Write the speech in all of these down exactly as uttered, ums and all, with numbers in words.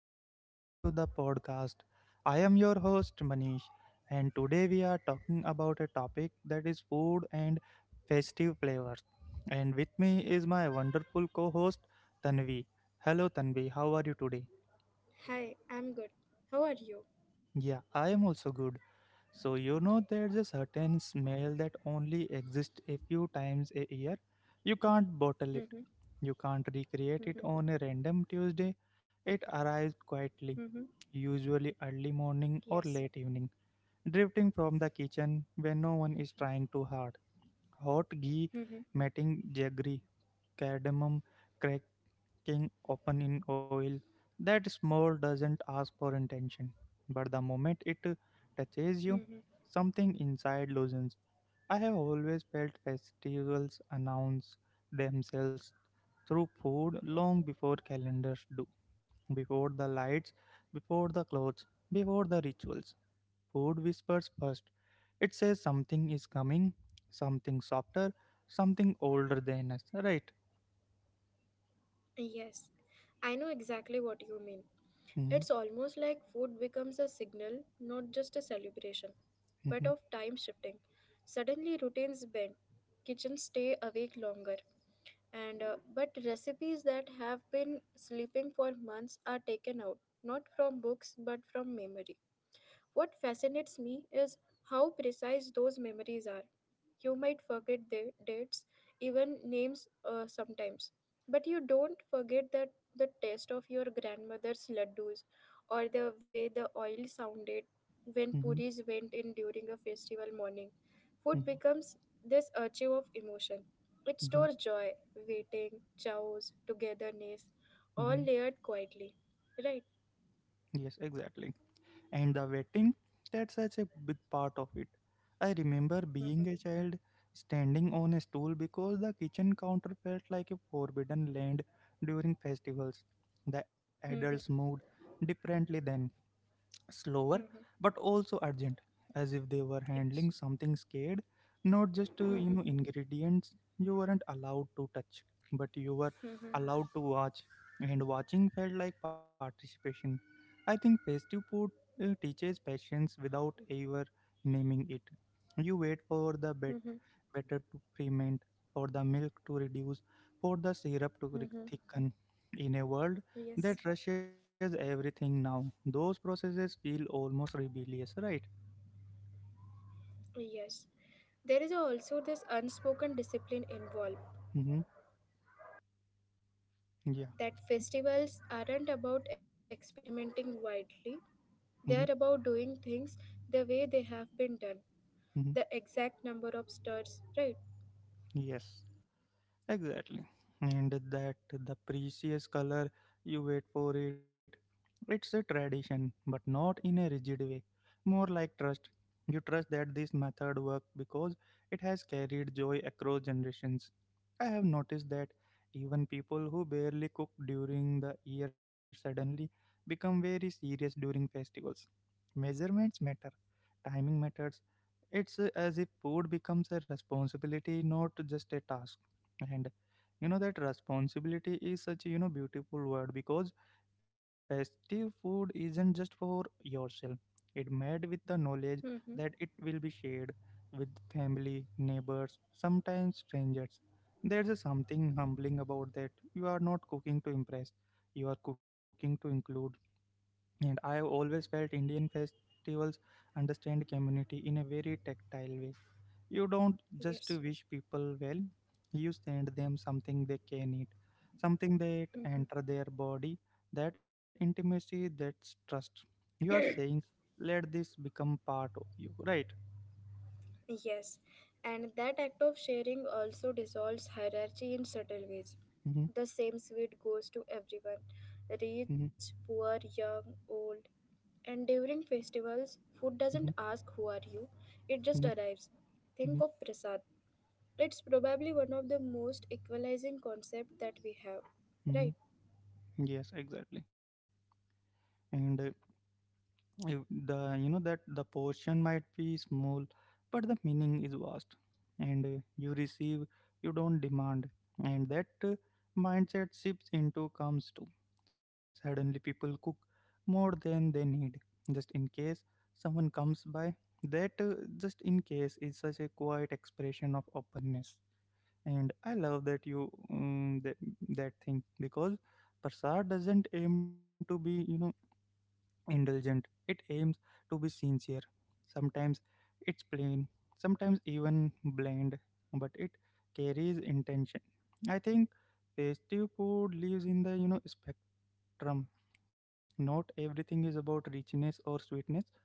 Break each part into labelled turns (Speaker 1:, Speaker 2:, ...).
Speaker 1: and welcome to the podcast. I am your host, Manish, and today we are talking about a topic that is food and festive flavors. And with me is my wonderful co host, Tanvi. Hello, Tanvi, how are you today?
Speaker 2: Hi, I'm good. How
Speaker 1: Yeah,
Speaker 2: are
Speaker 1: I
Speaker 2: you?
Speaker 1: am also good. So, you know, there's a certain smell that only exists a few times a year. You can't bottle it,
Speaker 2: Mm-hmm,
Speaker 1: you can't recreate it on a
Speaker 2: mm-hmm,
Speaker 1: random Tuesday. It arrives quietly,
Speaker 2: mm-hmm.
Speaker 1: usually early morning or
Speaker 2: Yes.
Speaker 1: late evening, drifting from the kitchen when no one is trying too hard. Hot ghee,
Speaker 2: Mm-hmm,
Speaker 1: matting jaggery, cardamom, cracking open in oil. That smell doesn't ask for intention, but the moment it
Speaker 2: mm-hmm.
Speaker 1: touches you, something inside loosens. I have always felt festivals announce themselves through food long before calendars do, before the lights, before the clothes, before the rituals. Food whispers first. It says something is coming, something softer, something older than us, right?
Speaker 2: Yes. I know exactly what you mean.
Speaker 1: Mm-hmm,
Speaker 2: It's almost like food becomes a signal, not just a celebration, but of
Speaker 1: mm-hmm,
Speaker 2: time shifting. Suddenly routines bend, kitchens stay awake longer, and uh, but recipes that have been sleeping for months are taken out, not from books but from memory. What fascinates me is how precise those memories are. You might forget the dates, even names uh, sometimes. But you don't forget that the taste of your grandmother's laddus or the way the oil sounded when puris
Speaker 1: mm-hmm,
Speaker 2: went in during a festival morning. Food
Speaker 1: mm-hmm,
Speaker 2: becomes this archive of emotion. It
Speaker 1: mm-hmm.
Speaker 2: stores joy, waiting, chows, togetherness, all
Speaker 1: Mm-hmm.
Speaker 2: layered quietly. Right?
Speaker 1: Yes, exactly. And the waiting, that's such a big part of it. I remember being
Speaker 2: Mm-hmm.
Speaker 1: a child standing on a stool because the kitchen counter felt like a forbidden land during festivals. The adults moved
Speaker 2: Mm-hmm.
Speaker 1: differently then, slower,
Speaker 2: Mm-hmm.
Speaker 1: but also urgent, as if they were handling
Speaker 2: Yes.
Speaker 1: something scared, not just uh, you know
Speaker 2: Mm-hmm.
Speaker 1: ingredients you weren't allowed to touch, but you were
Speaker 2: Mm-hmm.
Speaker 1: allowed to watch, and watching felt like participation. I think festive food uh, teaches patience without ever naming it. You wait for the
Speaker 2: Mm-hmm.
Speaker 1: bet better to ferment, for the milk to reduce, for the syrup to re-
Speaker 2: Mm-hmm.
Speaker 1: thicken in a world
Speaker 2: Yes.
Speaker 1: that rushes everything now. Those processes feel almost rebellious, right?
Speaker 2: Yes. There is also this unspoken discipline involved
Speaker 1: Mm-hmm. Yeah.
Speaker 2: that festivals aren't about experimenting widely, they
Speaker 1: Mm-hmm.
Speaker 2: are about doing things the way they have been done.
Speaker 1: Mm-hmm.
Speaker 2: The exact number of stars, right?
Speaker 1: Yes. Exactly. And that the precious color, you wait for it. It's a tradition, but not in a rigid way. More like trust. You trust that this method works because it has carried joy across generations. I have noticed that even people who barely cook during the year suddenly become very serious during festivals. Measurements matter, timing matters, it's uh, as if food becomes a responsibility, not just a task. And you know that Responsibility is such a you know beautiful word because festive food isn't just for yourself. It made with the
Speaker 2: Mm-hmm.
Speaker 1: knowledge that it will be shared with family, neighbors, sometimes strangers. There's a something humbling about that. You are not cooking to impress. You are cooking to include, and I have always felt Indian festivals understand community in a very tactile way. You don't
Speaker 2: Yes.
Speaker 1: just wish people well, you send them something they can eat, something that
Speaker 2: Mm-hmm.
Speaker 1: enter their body, that intimacy, that's trust. You are saying, let this become part of you, right?
Speaker 2: Yes. And that act of sharing also dissolves hierarchy in subtle ways.
Speaker 1: Mm-hmm,
Speaker 2: The same sweet goes to everyone,
Speaker 1: mm-hmm,
Speaker 2: rich, poor, young, old. And during festivals, food doesn't
Speaker 1: mm-hmm,
Speaker 2: ask who are you, it just
Speaker 1: mm-hmm,
Speaker 2: arrives.
Speaker 1: mm-hmm.
Speaker 2: Think of prasad. It's probably one of the most equalizing concepts that we have, right?
Speaker 1: Mm-hmm. Yes, exactly. And uh, You- the you know that the portion might be small, but the meaning is vast, and uh, you receive, you don't demand. And that uh, mindset shifts into comes to, suddenly people cook more than they need, just in case someone comes by. That uh, just in case is such a quiet expression of openness, and I love that you um, that, that thing because prasad doesn't aim to be you know indulgent. It aims to be sincere. Sometimes it's plain, sometimes even bland, but it carries intention. I think festive food lives in the you know spectrum. Not everything is about richness or sweetness.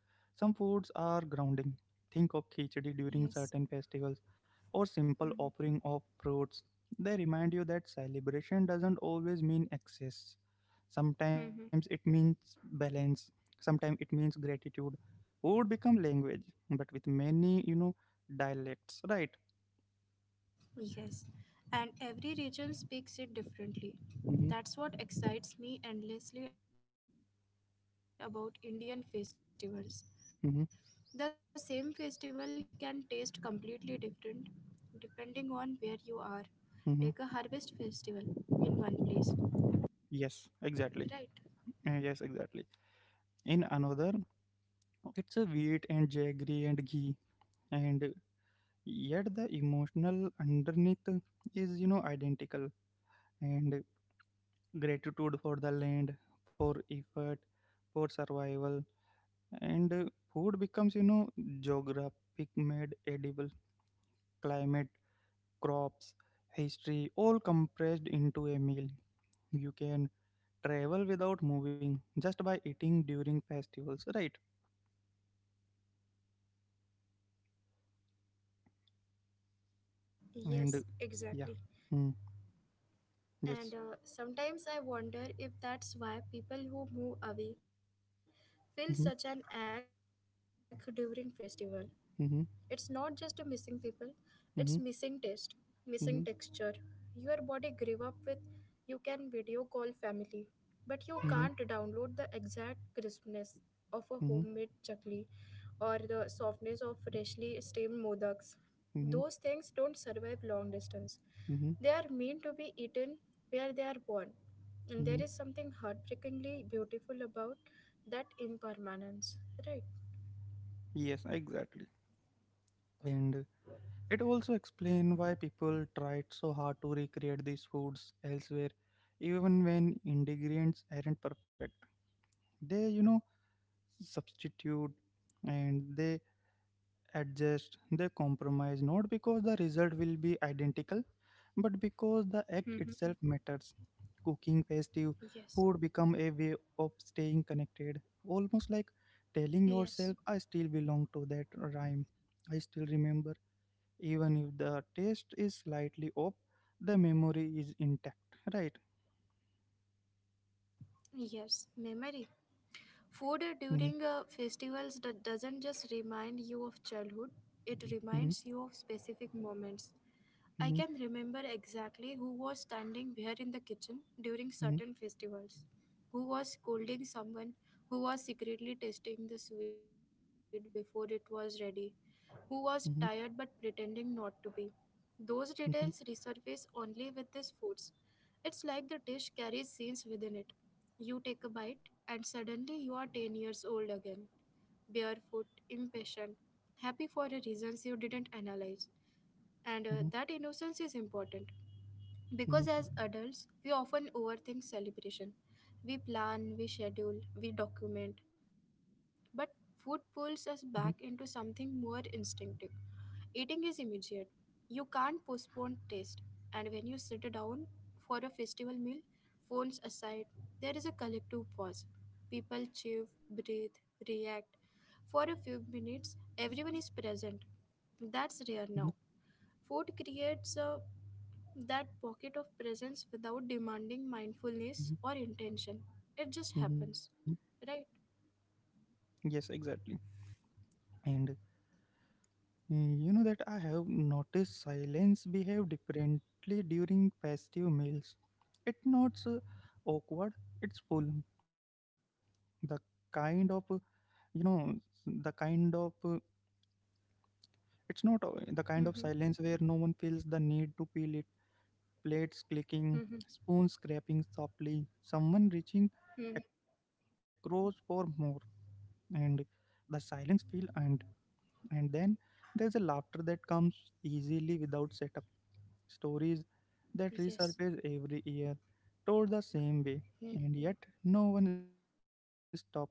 Speaker 1: Some foods are grounding. Think of khichdi during
Speaker 2: Yes.
Speaker 1: certain festivals or simple offering of fruits. They remind you that celebration doesn't always mean excess. Sometimes it
Speaker 2: Mm-hmm.
Speaker 1: means balance. Sometimes it means gratitude. Food become language, but with many, you know, dialects, right?
Speaker 2: Yes, and every region speaks it differently.
Speaker 1: Mm-hmm,
Speaker 2: That's what excites me endlessly about Indian festivals. The same festival can taste
Speaker 1: mm-hmm,
Speaker 2: completely different depending on where you are. Take a harvest festival in one place,
Speaker 1: mm-hmm. Yes,
Speaker 2: right?
Speaker 1: exactly. Uh, Yes, exactly. In another, it's a wheat and jaggery and ghee, and yet the emotional underneath is, you know, identical. And gratitude for the land, for effort, for survival, and uh, food becomes, you know, geographic made edible, climate, crops, history, all compressed into a meal. You can travel without moving just by eating during festivals, right? And uh,
Speaker 2: Yes,
Speaker 1: yeah,
Speaker 2: exactly.
Speaker 1: mm, yes.
Speaker 2: And uh, sometimes I wonder if that's why people who move away feel such an
Speaker 1: Hmm.
Speaker 2: ache during festival. It's not just a missing people,
Speaker 1: Hmm.
Speaker 2: it's missing taste, missing texture. Your body
Speaker 1: Hmm.
Speaker 2: grew up with, you can video call family, but you can't download the
Speaker 1: Mm-hmm,
Speaker 2: exact crispness of a homemade chakli
Speaker 1: mm-hmm,
Speaker 2: or the softness of freshly steamed modaks. Those things don't
Speaker 1: mm-hmm,
Speaker 2: survive long distance. They are meant
Speaker 1: mm-hmm,
Speaker 2: to be eaten where they are born. And there is
Speaker 1: mm-hmm.
Speaker 2: something heartbreakingly beautiful about that impermanence, right?
Speaker 1: Yes, exactly. And it also explains why people tried so hard to recreate these foods elsewhere, even when ingredients aren't perfect. They, you know, substitute, and they adjust, they compromise, not because the result will be identical, but because the act
Speaker 2: Hmm.
Speaker 1: itself matters. Cooking festive
Speaker 2: Yes,
Speaker 1: food become a way of staying connected, almost like telling
Speaker 2: yes,
Speaker 1: yourself, I still belong to that rhyme. I still remember, even if the taste is slightly off, the memory is intact, right?
Speaker 2: yes. Memory. Food
Speaker 1: Mhm,
Speaker 2: during uh, festivals that doesn't just remind you of childhood, it
Speaker 1: mhm,
Speaker 2: reminds you of specific moments.
Speaker 1: mhm,
Speaker 2: I can remember exactly who was standing where in the kitchen during
Speaker 1: mhm,
Speaker 2: certain festivals, who was scolding someone, who was secretly tasting the sweet before it was ready, who was tired
Speaker 1: mhm,
Speaker 2: but pretending not to be. Those details
Speaker 1: mhm,
Speaker 2: resurface only with these foods. It's like the dish carries scenes within it. You take a bite, and suddenly you are ten years old again, barefoot, impatient, happy for the reasons you didn't analyze.
Speaker 1: mhm,
Speaker 2: And uh, that innocence is important.
Speaker 1: mhm,
Speaker 2: Because as adults, we often overthink celebration. We plan, we schedule, we document. But food
Speaker 1: mhm,
Speaker 2: pulls us back into something more instinctive. Eating is immediate. You can't postpone taste. And when you sit down for a festival meal, phones aside, there is a collective pause. People chew, breathe, react. For a few minutes, everyone is present. That's rare now.
Speaker 1: mhm,
Speaker 2: Food creates a that pocket of presence without demanding mindfulness or
Speaker 1: mhm,
Speaker 2: intention. It just happens,
Speaker 1: mhm.
Speaker 2: right?
Speaker 1: Yes, exactly. And mm, you know that I have noticed silence behave differently during festive meals. It's not so awkward, it's full. The kind of, uh, you know, the kind of, uh, it's not uh, the
Speaker 2: Mm-hmm.
Speaker 1: kind of silence where no one feels the need to feel it. Plates
Speaker 2: Mm-hmm.
Speaker 1: clicking, spoons scraping softly, someone
Speaker 2: Hmm.
Speaker 1: reaching across for more. And the silence feel, and and then there's a laughter that comes easily without setup, stories
Speaker 2: Yes.
Speaker 1: that resurface every year, told the
Speaker 2: Mhm.
Speaker 1: same way, and yet no one stops them because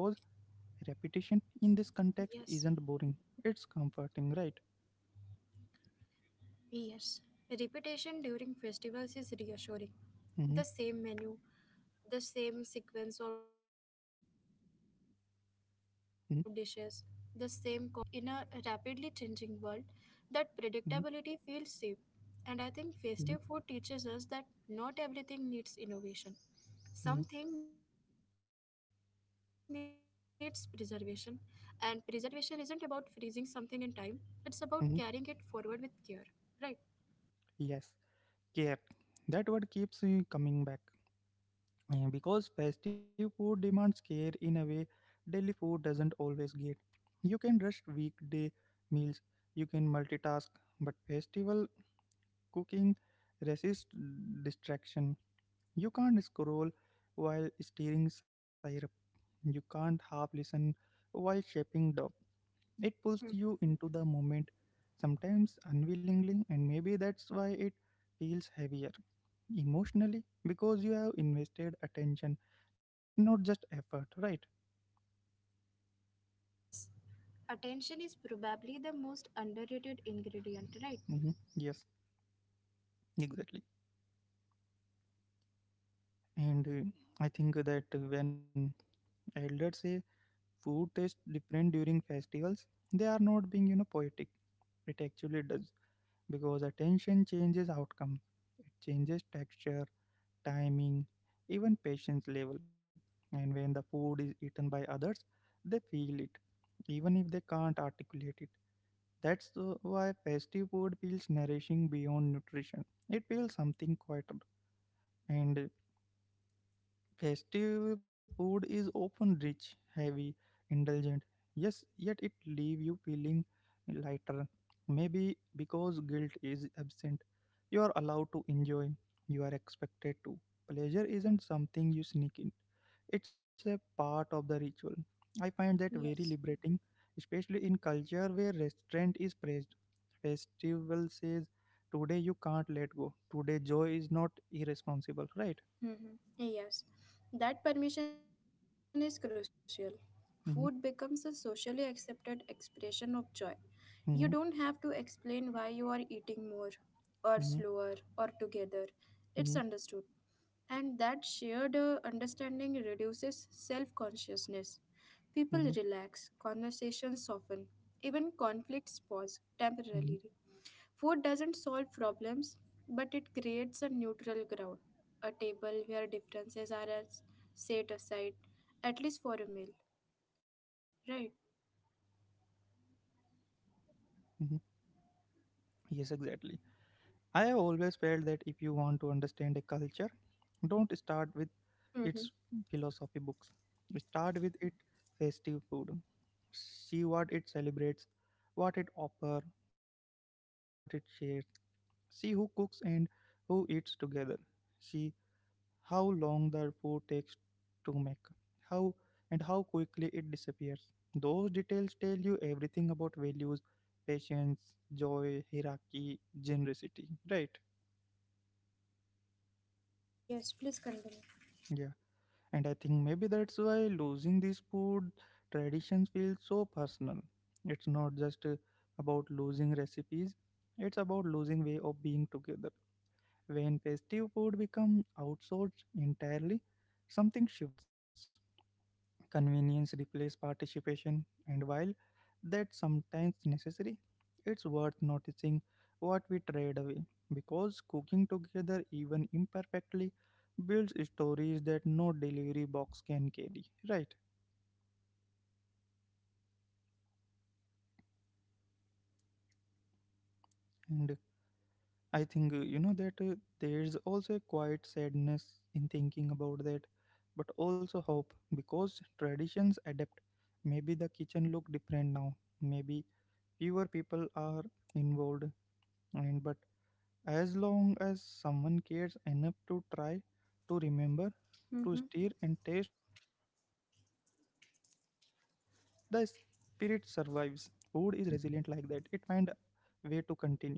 Speaker 1: repetition
Speaker 2: Yes.
Speaker 1: in this context isn't boring, it's comforting, right?
Speaker 2: Yes. Repetition during festivals is reassuring. The same menu,
Speaker 1: Hmm.
Speaker 2: the same sequence of dishes, the same complaints about eating too
Speaker 1: Hmm.
Speaker 2: much. It creates continuity. In a rapidly changing world, that
Speaker 1: Hmm.
Speaker 2: predictability feels safe. And I
Speaker 1: Hmm.
Speaker 2: think festive food teaches us that not everything needs innovation.
Speaker 1: Hmm.
Speaker 2: Something needs preservation. And preservation isn't about freezing something in time, it's about carrying it forward with
Speaker 1: Hmm.
Speaker 2: care. Right?
Speaker 1: Yes, care. That word keeps uh, coming back uh, because festive food demands care in a way daily food doesn't always get. You can rush weekday meals, you can multitask, but festival cooking resists distraction. You can't scroll while stirring syrup. You can't half listen while shaping dough. It pulls you into the moment, sometimes unwillingly, and maybe that's why it feels heavier emotionally because you have invested attention, not just effort, right?
Speaker 2: Yes. Attention is probably the most underrated ingredient, right?
Speaker 1: Hmm. Yes, exactly. And uh, I think that when elders say food tastes different during festivals, they are not being, you know, poetic. It actually does because attention changes outcome. It changes texture, timing, even patience level. And when the food is eaten by others, they feel it, even if they can't articulate it. That's the- why festive food feels nourishing beyond nutrition. It feels something quieter, and uh, festive food is often rich, heavy, indulgent. Yes, yet it leave you feeling lighter. Maybe because guilt is absent. You are allowed to enjoy. You are expected to. Pleasure isn't something you sneak in. It's a part of the ritual. I find that very liberating,
Speaker 2: Yes.
Speaker 1: especially in culture where restraint is praised. Festival says, "Today you can't let go. Today joy is not irresponsible." Right?
Speaker 2: Hmm. Yes, that permission is crucial. Food
Speaker 1: Mm-hmm,
Speaker 2: becomes a socially accepted expression of joy. You
Speaker 1: mm-hmm,
Speaker 2: don't have to explain why you are eating more, or
Speaker 1: mm-hmm.
Speaker 2: slower, or together. It's
Speaker 1: Mhm,
Speaker 2: understood. And that shared uh, understanding reduces self consciousness.
Speaker 1: mhm,
Speaker 2: People relax, conversations soften, even conflicts pause temporarily.
Speaker 1: mhm,
Speaker 2: Food doesn't solve problems, but it creates a neutral ground, a table where differences are as- set aside, at least for a meal, right?
Speaker 1: mhm. Yes, exactly. I have always felt that if you want to understand a culture, don't start with
Speaker 2: Mm-hmm.
Speaker 1: its philosophy books. Start with its festive food. See what it celebrates, what it offers, what it shares. See who cooks and who eats together. See how long the food takes to make, how and how quickly it disappears. Those details tell you everything about values, patience, joy, hierarchy, generosity, right?
Speaker 2: Yes, please continue.
Speaker 1: Yeah, and I think maybe that's why losing these food traditions feels so personal. It's not just uh, about losing recipes, it's about losing way of being together. When festive food become outsourced entirely, something shifts. Convenience replaces participation, and while that's sometimes necessary, it's worth noticing what we trade away because cooking together, even imperfectly, builds stories that no delivery box can carry, right? And I think uh, you know that uh, there's also a quiet sadness in thinking about that, but also hope because traditions adapt. Maybe the kitchen look different now, maybe fewer people are involved, and but as long as someone cares enough to try, to remember,
Speaker 2: Mm-hmm.
Speaker 1: to stir and taste and wait, the spirit survives. Food is resilient like that, it find way to continue, right?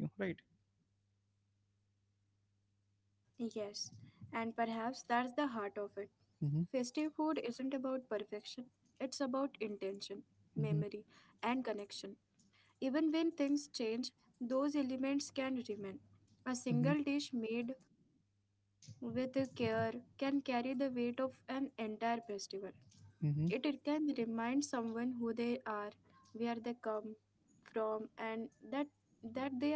Speaker 2: Yes, and perhaps that's the heart of it.
Speaker 1: Mm-hmm,
Speaker 2: Festive food isn't about perfection, it's about intention,
Speaker 1: mm-hmm,
Speaker 2: memory, and connection. Even when things change, those elements can remain. A
Speaker 1: mm-hmm,
Speaker 2: single dish made with care can carry the weight of an entire festival.
Speaker 1: mm-hmm,
Speaker 2: It, it can remind someone who they are, where they come from, and that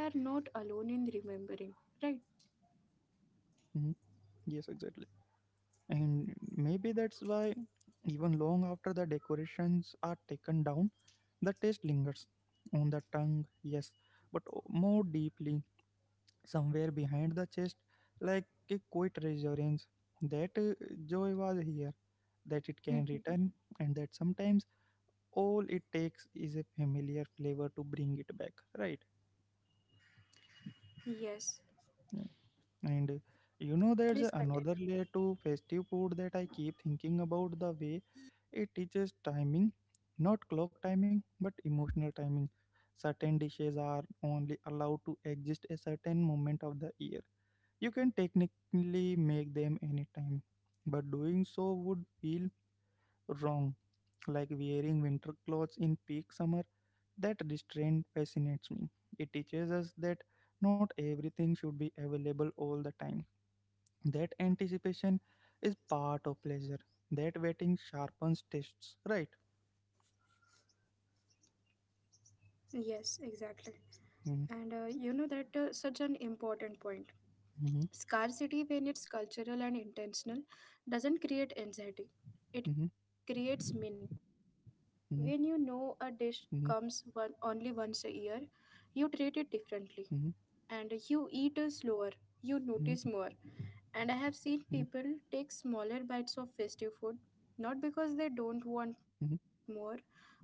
Speaker 2: that they are not alone in remembering. Right?
Speaker 1: mm-hmm. Yes, exactly. And maybe that's why, even long after the decorations are taken down, the taste lingers on the tongue, yes, but o- more deeply, somewhere behind the chest, like a quiet reassurance that uh, joy was here, that it can return,
Speaker 2: Mhm.
Speaker 1: and that sometimes all it takes is a familiar flavor to bring it back, right?
Speaker 2: Yes.
Speaker 1: And you know, there's another layer
Speaker 2: Please
Speaker 1: to
Speaker 2: continue.
Speaker 1: festive food that I keep thinking about, the way it teaches timing, not clock timing, but emotional timing. Certain dishes are only allowed to exist a certain moment of the year. You can technically make them anytime, but doing so would feel wrong, like wearing winter clothes in peak summer. That restraint fascinates me. It teaches us that not everything should be available all the time, that anticipation is part of pleasure, that waiting sharpens tastes, right?
Speaker 2: Yes, exactly.
Speaker 1: Mm-hmm.
Speaker 2: And uh, you know that uh, such an important point.
Speaker 1: Hmm.
Speaker 2: Scarcity, when it's cultural and intentional,
Speaker 1: Hmm.
Speaker 2: doesn't create anxiety. It creates meaning.
Speaker 1: Hmm.
Speaker 2: When you know a dish
Speaker 1: Hmm.
Speaker 2: comes one, only once a year, you treat it
Speaker 1: Hmm.
Speaker 2: differently and you
Speaker 1: Hmm.
Speaker 2: eat slower, you notice more. And I have seen people take smaller bites of festive food not
Speaker 1: Hmm.
Speaker 2: because they don't want more,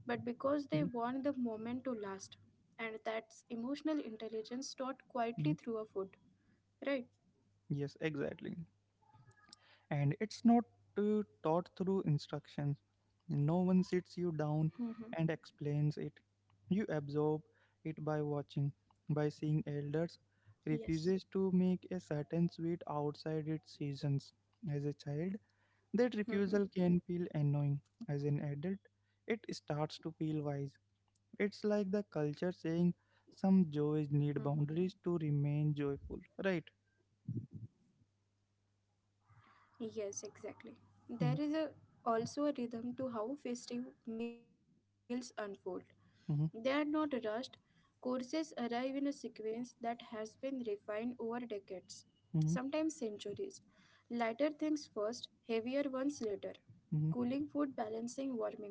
Speaker 2: but
Speaker 1: Hmm.
Speaker 2: because they want the moment to last. And that's emotional intelligence taught
Speaker 1: Hmm.
Speaker 2: quietly through a food, right?
Speaker 1: Yes, exactly. And it's not uh, taught through instructions. No one sits you down and
Speaker 2: Mm-hmm.
Speaker 1: explains it. You absorb it by watching, by seeing elders refuses to
Speaker 2: Yes.
Speaker 1: make a certain sweet outside its seasons. As a child, that refusal can feel
Speaker 2: Mm-hmm.
Speaker 1: annoying. As an adult, it starts to feel wise. It's like the culture saying some joys need boundaries to remain joyful, right?
Speaker 2: Yes, exactly. There is a,
Speaker 1: Mm,
Speaker 2: Also a rhythm to how festive meals unfold. They are not rushed.
Speaker 1: mhm,
Speaker 2: Courses arrive in a sequence that has been refined over decades, sometimes
Speaker 1: mhm,
Speaker 2: centuries. Lighter things first, heavier ones later. Cooling
Speaker 1: mhm,
Speaker 2: food balancing warming ones.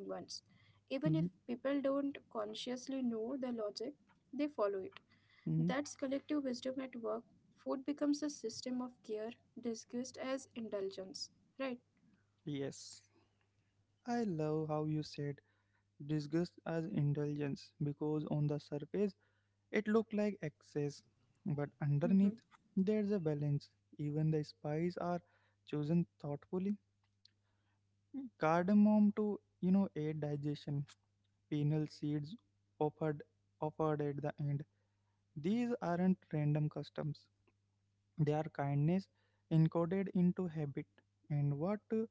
Speaker 2: Even if
Speaker 1: mhm,
Speaker 2: people don't consciously know the logic, they follow it.
Speaker 1: mhm.
Speaker 2: That's collective wisdom at work. Food becomes a system of care disguised as indulgence, right?
Speaker 1: Yes, I love how you said disgust as indulgence because on the surface it looked like excess, but underneath there's a
Speaker 2: Mm-hmm.
Speaker 1: balance. Even the spices are chosen thoughtfully. Cardamom to you know aid digestion penal seeds offered offered at the end. These aren't random customs. They are kindness encoded into habit. And what uh,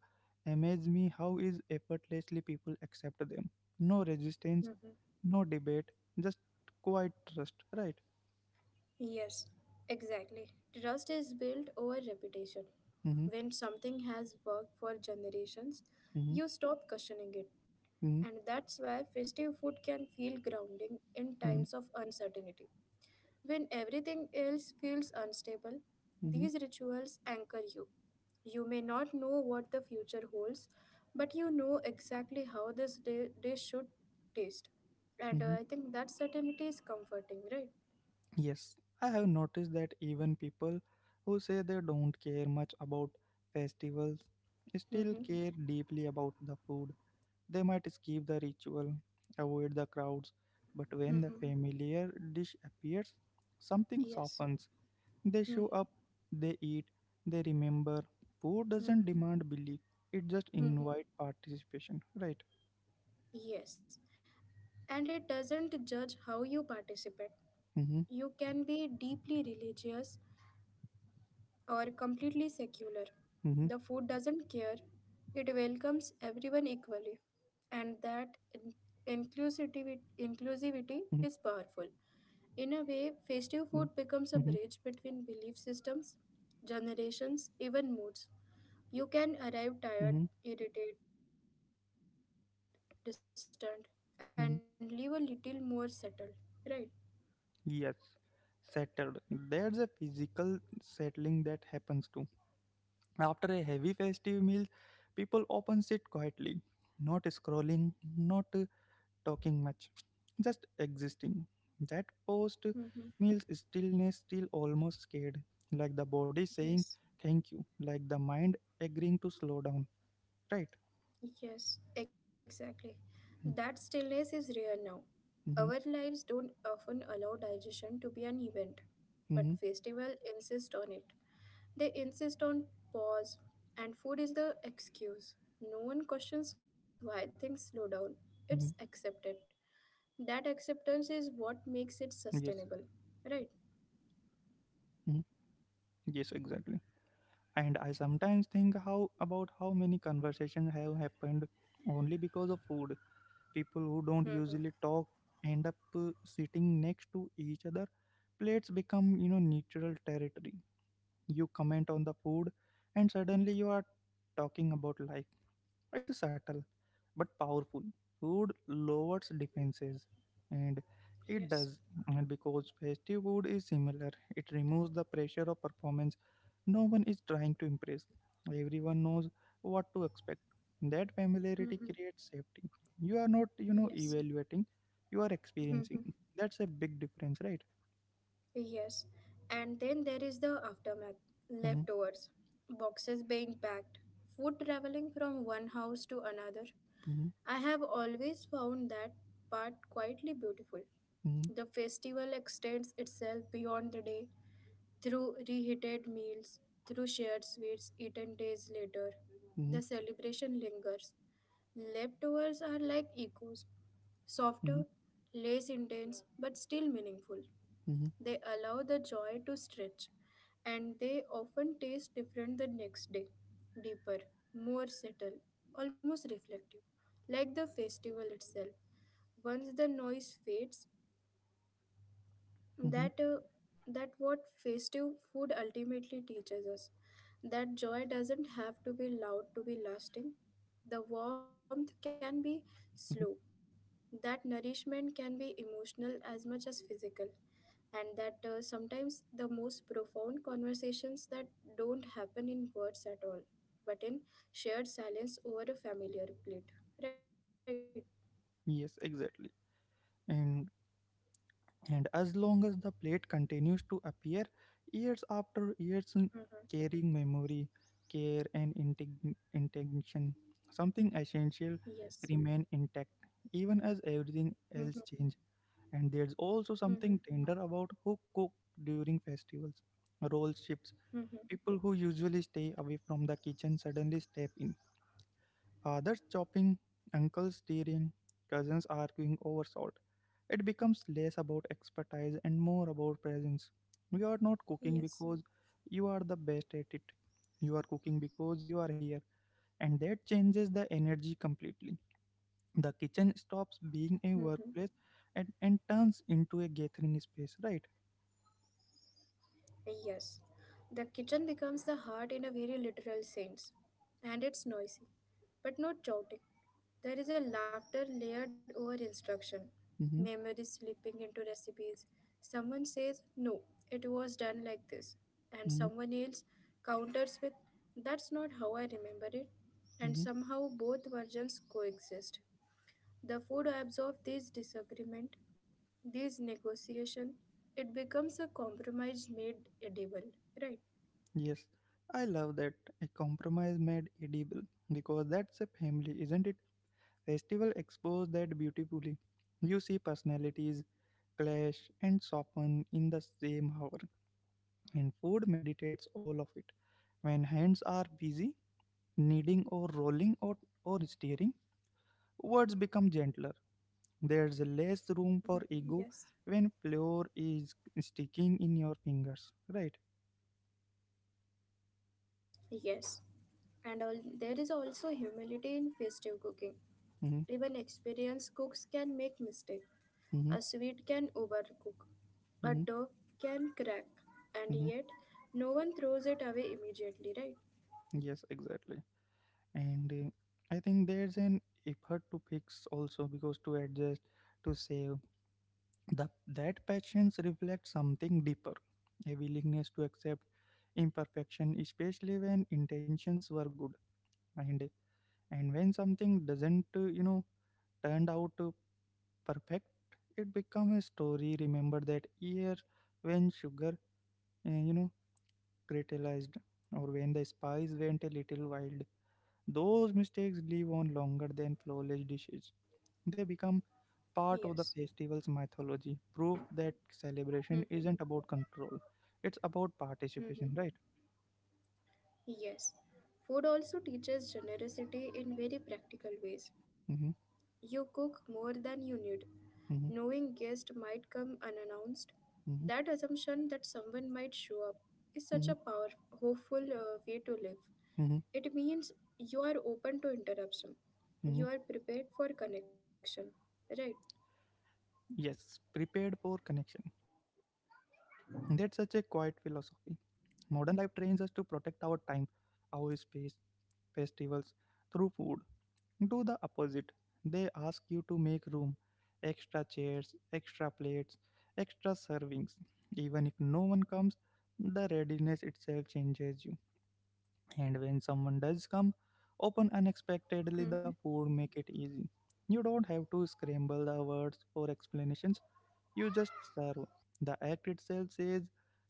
Speaker 1: amazes me how is effortlessly people accept them. No resistance,
Speaker 2: Mm-hmm.
Speaker 1: no debate, just quiet trust, right?
Speaker 2: Yes, exactly. Trust is built over reputation.
Speaker 1: Mm-hmm,
Speaker 2: When something has worked for generations,
Speaker 1: mm-hmm,
Speaker 2: you stop questioning it.
Speaker 1: mm-hmm,
Speaker 2: And that's why festive food can feel grounding in times
Speaker 1: mm-hmm,
Speaker 2: of uncertainty. When everything else feels unstable,
Speaker 1: mm-hmm,
Speaker 2: these rituals anchor you. You may not know what the future holds, but you know exactly how this day, day should taste. And
Speaker 1: mm-hmm.
Speaker 2: uh, I think that certainty is comforting, right?
Speaker 1: Yes, I have noticed that even people who say they don't care much about festivals still
Speaker 2: Mm-hmm.
Speaker 1: care deeply about the food They might skip the ritual, avoid the crowds, but when the
Speaker 2: Mm-hmm.
Speaker 1: familiar dish appears, something softens.
Speaker 2: Yes.
Speaker 1: They show up,
Speaker 2: Mm-hmm.
Speaker 1: they eat, they remember. Poor doesn't
Speaker 2: Mm-hmm.
Speaker 1: demand belief, it just invite
Speaker 2: Mm-hmm.
Speaker 1: participation, right?
Speaker 2: Yes. And it doesn't judge how you participate.
Speaker 1: Mm-hmm,
Speaker 2: You can be deeply religious or completely secular.
Speaker 1: mm-hmm,
Speaker 2: The food doesn't care, it welcomes everyone equally. And that in- inclusivity,
Speaker 1: mm-hmm,
Speaker 2: inclusivity is powerful. In a way,
Speaker 1: mm-hmm,
Speaker 2: festive food
Speaker 1: mm-hmm,
Speaker 2: becomes a bridge between belief systems, generations, even moods. You can arrive tired,
Speaker 1: mm-hmm,
Speaker 2: irritated, distant, and
Speaker 1: mm-hmm.
Speaker 2: leave a little more settled, right?
Speaker 1: Yes, settled. There's a physical settling that happens too. After a heavy festive meal, people often sit quietly, not scrolling, not talking much, just existing. That post meals stillness still almost scared,
Speaker 2: Mm-hmm.
Speaker 1: like the body saying thank you, like the mind agreeing to
Speaker 2: Yes,
Speaker 1: slow down, right? Mm-hmm,
Speaker 2: yes, exactly.
Speaker 1: mm-hmm,
Speaker 2: That stillness is rare now. Our lives don't often allow
Speaker 1: mm-hmm.
Speaker 2: digestion to be an event. But festival insist on it. They insist on pause and food is the excuse. No one questions why things slow down.
Speaker 1: mm-hmm.
Speaker 2: It's accepted. That acceptance is
Speaker 1: Yes,
Speaker 2: what makes it sustainable. Right?
Speaker 1: mm-hmm. yes, exactly. And I sometimes think how about how many conversations have happened only because of food. People who don't usually
Speaker 2: Mm-hmm.
Speaker 1: talk end up uh, sitting next to each other, plates become you know neutral territory, you comment on the food and suddenly you are talking about life. It's subtle but powerful. Food lowers defenses, and it
Speaker 2: Yes.
Speaker 1: does, and because festive food is similar, it removes the pressure of performance. No one is trying to impress, everyone knows what to expect. That familiarity
Speaker 2: Mm-hmm.
Speaker 1: creates safety. You are not you know
Speaker 2: Yes.
Speaker 1: evaluating, you are
Speaker 2: Mhm.
Speaker 1: experiencing. That's a big difference, right?
Speaker 2: Yes. And then there is the aftermath
Speaker 1: mm-hmm,
Speaker 2: leftovers, boxes being packed, food traveling from one house to another.
Speaker 1: mm-hmm,
Speaker 2: I have always found that part quietly beautiful. The festival extends itself beyond the day through reheated meals, through shared sweets eaten days later.
Speaker 1: mm-hmm,
Speaker 2: The celebration lingers. Leftovers are like echoes, softer,
Speaker 1: mm-hmm,
Speaker 2: less intense, but still meaningful.
Speaker 1: mm-hmm,
Speaker 2: They allow the joy to stretch, and they often taste different the next day, deeper, more subtle, almost reflective, like the festival itself. Once the noise fades,
Speaker 1: mm-hmm.
Speaker 2: that uh, that what festive food ultimately teaches us, that joy doesn't have to be loud to be lasting, the warmth can be
Speaker 1: mm-hmm.
Speaker 2: slow, that nourishment can be emotional as much as physical, and that uh, sometimes the most profound conversations that don't happen in words at all, but in shared silence over a familiar plate, right?
Speaker 1: Yes, exactly. And and as long as the plate continues to appear years after years, mm,
Speaker 2: Mm-hmm.
Speaker 1: carrying memory, care, and integ- intention, something essential
Speaker 2: Yes.
Speaker 1: remain intact even as everything
Speaker 2: Mm-hmm.
Speaker 1: else change. And there's also something
Speaker 2: Mm-hmm.
Speaker 1: tender about who cook during festivals. Role shifts.
Speaker 2: Mm-hmm.
Speaker 1: People who usually stay away from the kitchen suddenly step in. Fathers chopping, uncles stirring, cousins arguing over salt. It becomes less about expertise and more about presence. You are not cooking because
Speaker 2: Yes.
Speaker 1: you are the best at it. You are cooking because you are here, and that changes the energy completely. The kitchen stops
Speaker 2: Mm-hmm.
Speaker 1: being a workplace and, and turns into a gathering space, right?
Speaker 2: Yes, the kitchen becomes the heart in a very literal sense, and it's noisy, but not chaotic. There is a laughter layered over instruction,
Speaker 1: Mm-hmm,
Speaker 2: memory slipping into recipes. Someone says, "No, it was done like this," and
Speaker 1: mm-hmm,
Speaker 2: someone else counters with, "That's not how I remember it," and
Speaker 1: mm-hmm.
Speaker 2: somehow both versions coexist. The food absorbs this disagreement, these negotiation, it becomes a compromise made edible, right?
Speaker 1: Yes, I love that. A compromise made edible, because that's a family, isn't it? Festival exposed that beautifully. You see personalities clash and soften in the same hour, and food meditates all of it. When hands are busy, kneading or rolling or, or steering, words become gentler.
Speaker 2: Mm-hmm.
Speaker 1: There's less room
Speaker 2: Yes.
Speaker 1: for ego when flour is sticking in your fingers, right?
Speaker 2: Yes. And all, there is also humility in festive cooking.
Speaker 1: Mm-hmm,
Speaker 2: Even experienced cooks can make mistake.
Speaker 1: mm-hmm,
Speaker 2: A sweet can overcook. A
Speaker 1: mm-hmm,
Speaker 2: dough can crack. And
Speaker 1: mm-hmm.
Speaker 2: yet, no one throws it away immediately, right?
Speaker 1: Yes, exactly. And uh, I think there's an effort to fix also because to adjust, to save, The, that patience reflects something deeper, a willingness to accept imperfection, especially when intentions were good. And, and when something doesn't, uh, you know, turned out uh, perfect, it becomes a story. Remember that year when sugar, uh, you know, crystallized, or when the spice went a little wild. Those mistakes live on longer than flawless dishes. They become
Speaker 2: Yes.
Speaker 1: part of the festival's mythology, proof that celebration
Speaker 2: Mm-hmm.
Speaker 1: isn't about control, it's about
Speaker 2: Mm-hmm.
Speaker 1: participation, right?
Speaker 2: Yes, food also teaches generosity in very practical ways.
Speaker 1: hmm
Speaker 2: You cook more than you need, knowing
Speaker 1: hmm
Speaker 2: guests might come unannounced. That
Speaker 1: hmm
Speaker 2: assumption that someone might show up is such a
Speaker 1: hmm
Speaker 2: power hopeful uh, way to live.
Speaker 1: hmm
Speaker 2: It means you are open to interruption.
Speaker 1: hmm
Speaker 2: You are prepared for connection, right?
Speaker 1: Yes, prepared for connection. That's such a quiet philosophy. Modern life trains us to protect our time, our space. Festivals through food do the opposite. They ask you to make room, extra chairs, extra plates, extra servings. Even if no one comes, the readiness itself changes you. And when someone does come, open unexpectedly, the
Speaker 2: Hmm.
Speaker 1: food make it easy. You don't have to scramble the words for explanations. You just serve. The act itself says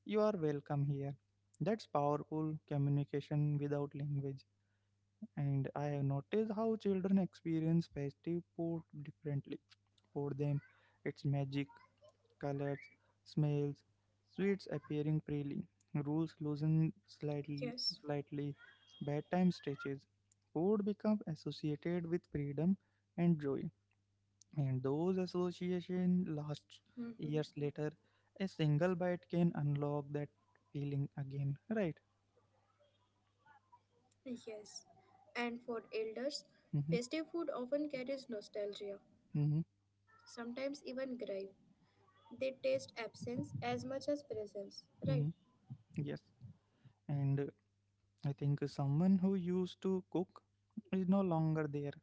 Speaker 1: you are welcome here. That's powerful communication without language. And I have noticed how children experience festive food differently. For them, it's magic: colors, smells, sweets appearing freely, rules loosen slightly,
Speaker 2: Yes.
Speaker 1: slightly, bedtime stretches. Food becomes associated with freedom and joy, and those associations last years later. A single bite can unlock that feeling again, right?
Speaker 2: Yes. And for elders, festive
Speaker 1: Mm-hmm,
Speaker 2: food often carries nostalgia,
Speaker 1: mm-hmm,
Speaker 2: sometimes even grief. They taste absence as much as presence, right?
Speaker 1: mm-hmm. Yes, and uh, I think someone who used to cook is no longer there,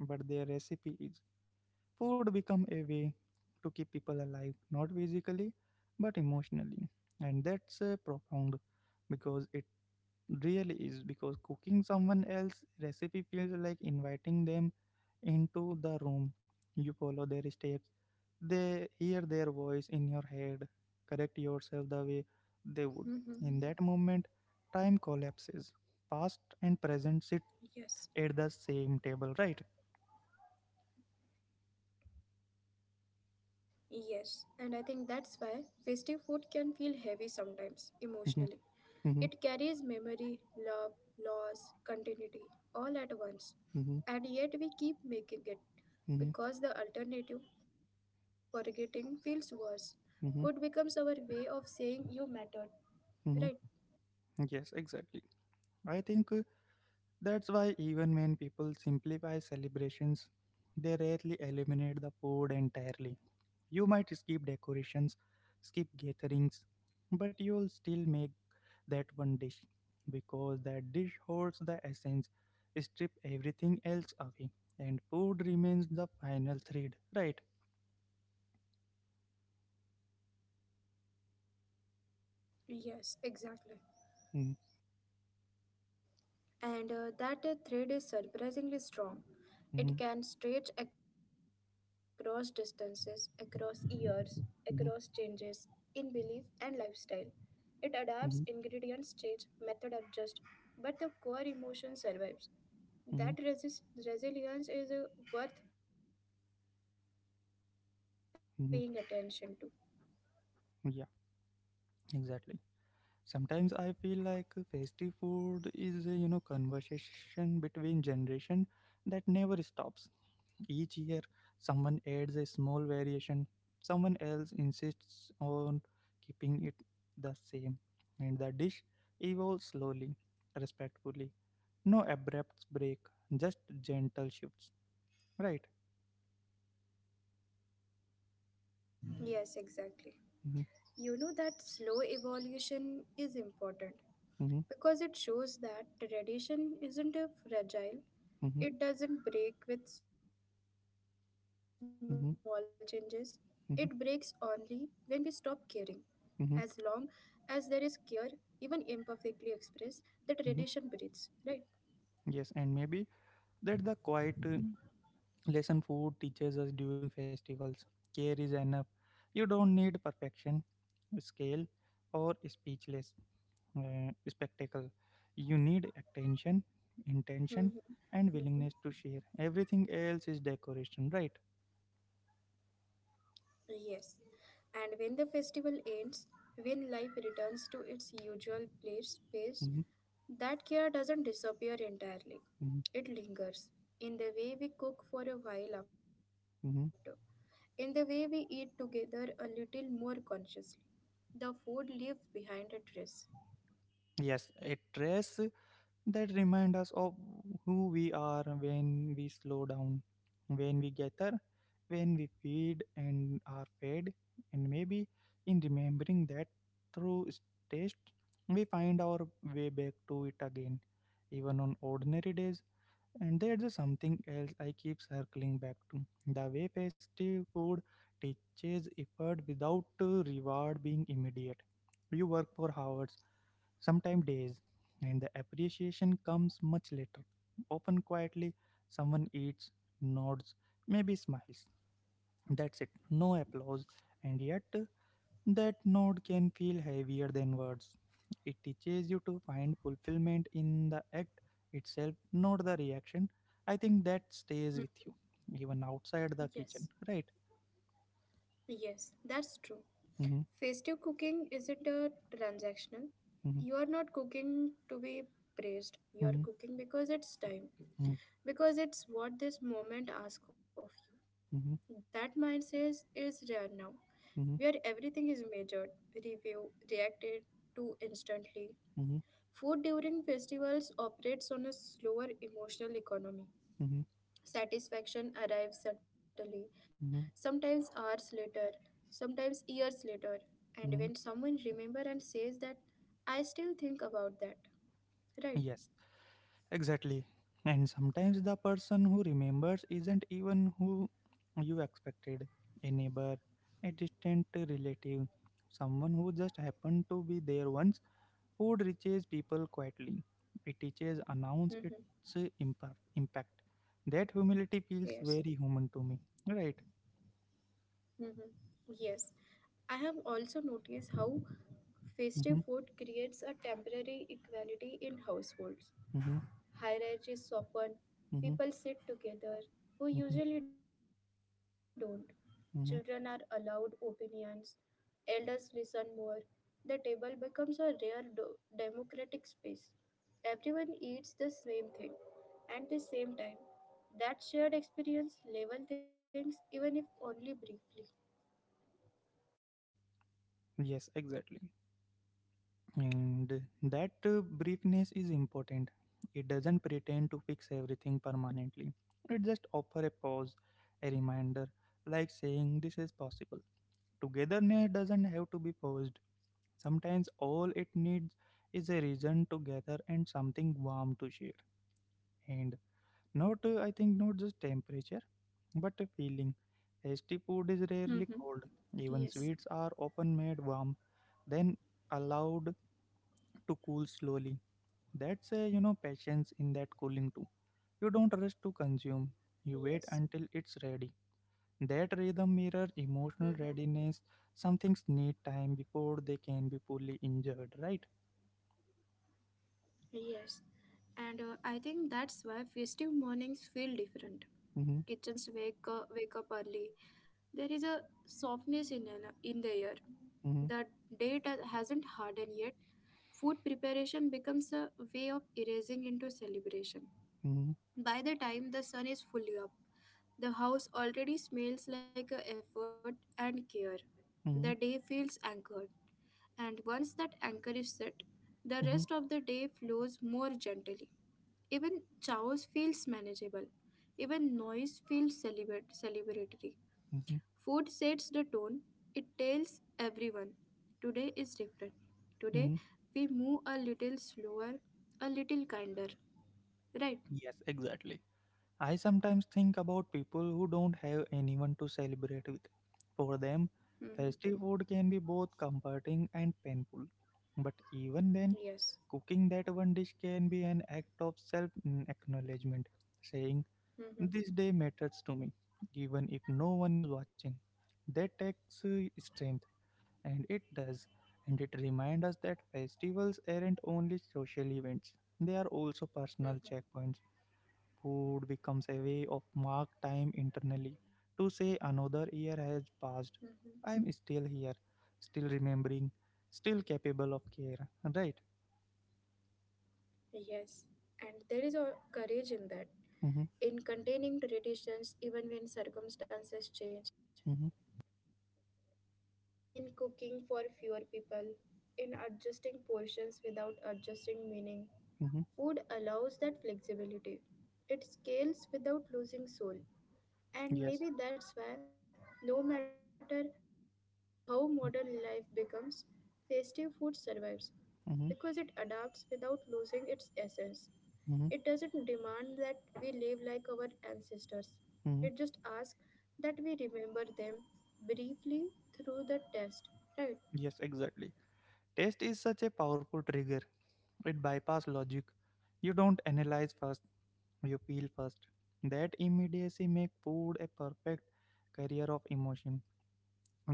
Speaker 1: but their recipe is. Food become a way to keep people alive, not physically, but emotionally. And that's uh, profound because it really is. Because cooking someone else's recipe feels like inviting them into the room. You follow their steps, they hear their voice in your head, correct yourself the way they would.
Speaker 2: Mm-hmm.
Speaker 1: In that moment, time collapses. Past and present sit
Speaker 2: Yes.
Speaker 1: at the same table, right?
Speaker 2: Yes. And I think that's why festive food can feel heavy sometimes, emotionally. It carries memory, love, loss, continuity, all at once. And yet we keep making it because the alternative, forgetting, feels worse. Food becomes our way of saying you mattered, right?
Speaker 1: Yes, exactly. I think uh, that's why even when people simplify celebrations, they rarely eliminate the food entirely. You might skip decorations, skip gatherings, but you'll still make that one dish because that dish holds the essence. Strip everything else away, and food remains the final thread, right?
Speaker 2: Yes, exactly.
Speaker 1: Mm-hmm,
Speaker 2: And uh, that uh, thread is surprisingly strong.
Speaker 1: mm-hmm,
Speaker 2: It can stretch across distances, across years, across changes in belief and lifestyle. It adapts, ingredients
Speaker 1: mm-hmm,
Speaker 2: change, method adjust, but the core emotion survives.
Speaker 1: mm-hmm,
Speaker 2: That
Speaker 1: mm-hmm.
Speaker 2: resist- resilience is uh, worth paying attention to.
Speaker 1: mm-hmm. Yeah, exactly. Sometimes I feel like festive food is a you know conversation between generation that never stops. Each year, someone adds a small variation. Someone else insists on keeping it the same, and the dish evolves slowly, respectfully. No abrupt break, just gentle shifts. Right?
Speaker 2: Yes, exactly.
Speaker 1: hmm
Speaker 2: You know that slow evolution is important
Speaker 1: hmm
Speaker 2: because it shows that tradition isn't a fragile
Speaker 1: hmm
Speaker 2: it doesn't break with small changes. It breaks
Speaker 1: hmm
Speaker 2: only when we stop
Speaker 1: hmm
Speaker 2: caring. As long as there
Speaker 1: hmm
Speaker 2: is care, even imperfectly expressed, the tradition
Speaker 1: hmm
Speaker 2: breathes, right?
Speaker 1: Yes, and maybe that the quiet uh, lesson food teaches us during festivals. Care is enough. You don't need perfection, scale, or speechless uh, spectacle. You need attention, intention, and willingness to share. Everything
Speaker 2: Hmm.
Speaker 1: else is decoration, right?
Speaker 2: Yes, and when the festival ends, when life returns to its usual place
Speaker 1: Mm-hmm,
Speaker 2: space, that care doesn't disappear entirely. It lingers in the way we cook for a while
Speaker 1: hmm
Speaker 2: after, in the way we eat together a little more consciously. The food leaves behind a trace.
Speaker 1: Yes, a dress that remind us of who we are when we slow down, when we gather, when we feed and are fed, and maybe in remembering that through s- taste, we find our way back to it again, even on ordinary days. And there's something else I keep circling back to: the way festive food teaches effort without uh, reward being immediate. You work for hours, sometimes days, and the appreciation comes much later. Often quietly, someone
Speaker 2: Yes.
Speaker 1: eats, nods, maybe smiles. That's it, no applause, and yet that nod can feel heavier than words. It teaches you to find fulfillment in the act itself, not the reaction. I think that
Speaker 2: Hmm.
Speaker 1: stays with you, even outside the
Speaker 2: Yes,
Speaker 1: kitchen, right?
Speaker 2: yes, that's true.
Speaker 1: Mm-hmm,
Speaker 2: Festive cooking isn't a transactional.
Speaker 1: mm-hmm,
Speaker 2: You are not cooking to be praised. You are
Speaker 1: mm-hmm,
Speaker 2: cooking because it's time, because it's what this moment asks of you.
Speaker 1: mm-hmm,
Speaker 2: That mindset is rare now, where everything is measured, reviewed, reacted to instantly.
Speaker 1: mm-hmm, mm-hmm,
Speaker 2: Food during festivals operates on a slower emotional economy.
Speaker 1: mm-hmm,
Speaker 2: Satisfaction arrives suddenly, sometimes hours later, sometimes years later. And
Speaker 1: mm-hmm.
Speaker 2: when someone remembers and says that, I still think about that.
Speaker 1: Yes,
Speaker 2: Right?
Speaker 1: exactly. And sometimes the person who remembers isn't even who you expected: a neighbor, a distant relative, someone who just happened to be there once. Food reaches people quietly, it teaches, announce its
Speaker 2: Mm-hmm.
Speaker 1: uh, impa- impact. That humility feels very
Speaker 2: Yes.
Speaker 1: human to me. Right.
Speaker 2: Mm-hmm. Yes. I have also noticed how festive
Speaker 1: Mm-hmm,
Speaker 2: food creates a temporary equality in households.
Speaker 1: mm-hmm,
Speaker 2: Hierarchies soften,
Speaker 1: mm-hmm,
Speaker 2: people sit together who
Speaker 1: mm-hmm,
Speaker 2: usually don't. Children are allowed
Speaker 1: mm-hmm.
Speaker 2: opinions, elders listen more. The table becomes a rare do- democratic space. Everyone eats the same thing at the same time. That shared experience level things even if only briefly.
Speaker 1: Yes, exactly. And that uh, briefness is important. It doesn't pretend to fix everything permanently. It just offers a pause, a reminder, like saying this is possible. Togetherness doesn't have to be forced. Sometimes all it needs is a reason to gather and something warm to share. And not, uh, I think, not just temperature, but a feeling. Tasty food
Speaker 2: Mm-hmm.
Speaker 1: is rarely cold.
Speaker 2: Yes.
Speaker 1: Even sweets are often made warm, then allowed to cool slowly. That's a you know patience in that cooling too. You don't rush to consume. You
Speaker 2: Yes.
Speaker 1: wait until it's ready. That rhythm mirror
Speaker 2: Hmm.
Speaker 1: emotional readiness. Some things need time before they can be fully injured, right?
Speaker 2: Yes, and uh, I think that's why festive mornings feel different.
Speaker 1: Mm-hmm,
Speaker 2: Kitchens wake uh, wake up early. There is a softness in an- in the air.
Speaker 1: mm-hmm,
Speaker 2: The date ha- hasn't hardened yet. Food preparation becomes a way of erasing into celebration.
Speaker 1: mm-hmm,
Speaker 2: By the time the sun is fully up, the house already smells like a effort and care. The
Speaker 1: mm-hmm,
Speaker 2: day feels anchored, and once that anchor is set, the
Speaker 1: mm-hmm,
Speaker 2: rest of the day flows more gently. Even chaos feels manageable. Even noise feels celebrat- celebratory.
Speaker 1: mm-hmm,
Speaker 2: Food sets the tone. It tells everyone, today is different.
Speaker 1: mm-hmm.
Speaker 2: Today we move a little slower, a little kinder. Right?
Speaker 1: Yes, exactly. I sometimes think about people who don't have anyone to celebrate with. For them,
Speaker 2: Hmm.
Speaker 1: festive food can be both comforting and painful. But even then,
Speaker 2: Yes.
Speaker 1: cooking that one dish can be an act of self mm, acknowledgement, saying,
Speaker 2: Mhm,
Speaker 1: "This day matters to me, even if no one is watching." That takes uh, strength, and it does, and it reminds us that festivals aren't only social events, they are also personal
Speaker 2: mhm,
Speaker 1: checkpoints. Food becomes a way of mark time internally, to say another year
Speaker 2: mhm.
Speaker 1: has passed. I'm still here, still remembering, still capable of care, right?
Speaker 2: Yes, and there is a courage in that,
Speaker 1: Mm-hmm,
Speaker 2: in containing traditions even when circumstances change,
Speaker 1: mm-hmm,
Speaker 2: in cooking for fewer people, in adjusting portions without adjusting meaning.
Speaker 1: mm-hmm.
Speaker 2: Food allows that flexibility. It scales without losing soul.
Speaker 1: Yes.
Speaker 2: And maybe that's why, no matter how modern life becomes, festive food survives
Speaker 1: Mm-hmm.
Speaker 2: because it adapts without losing its essence.
Speaker 1: Mm-hmm.
Speaker 2: It doesn't demand that we live like our ancestors,
Speaker 1: Mm-hmm.
Speaker 2: it just asks that we remember them briefly through the test, right?
Speaker 1: Yes, exactly. Taste is such a powerful trigger. It bypass logic. You don't analyze first, you feel first. That immediacy make food a perfect carrier of emotion.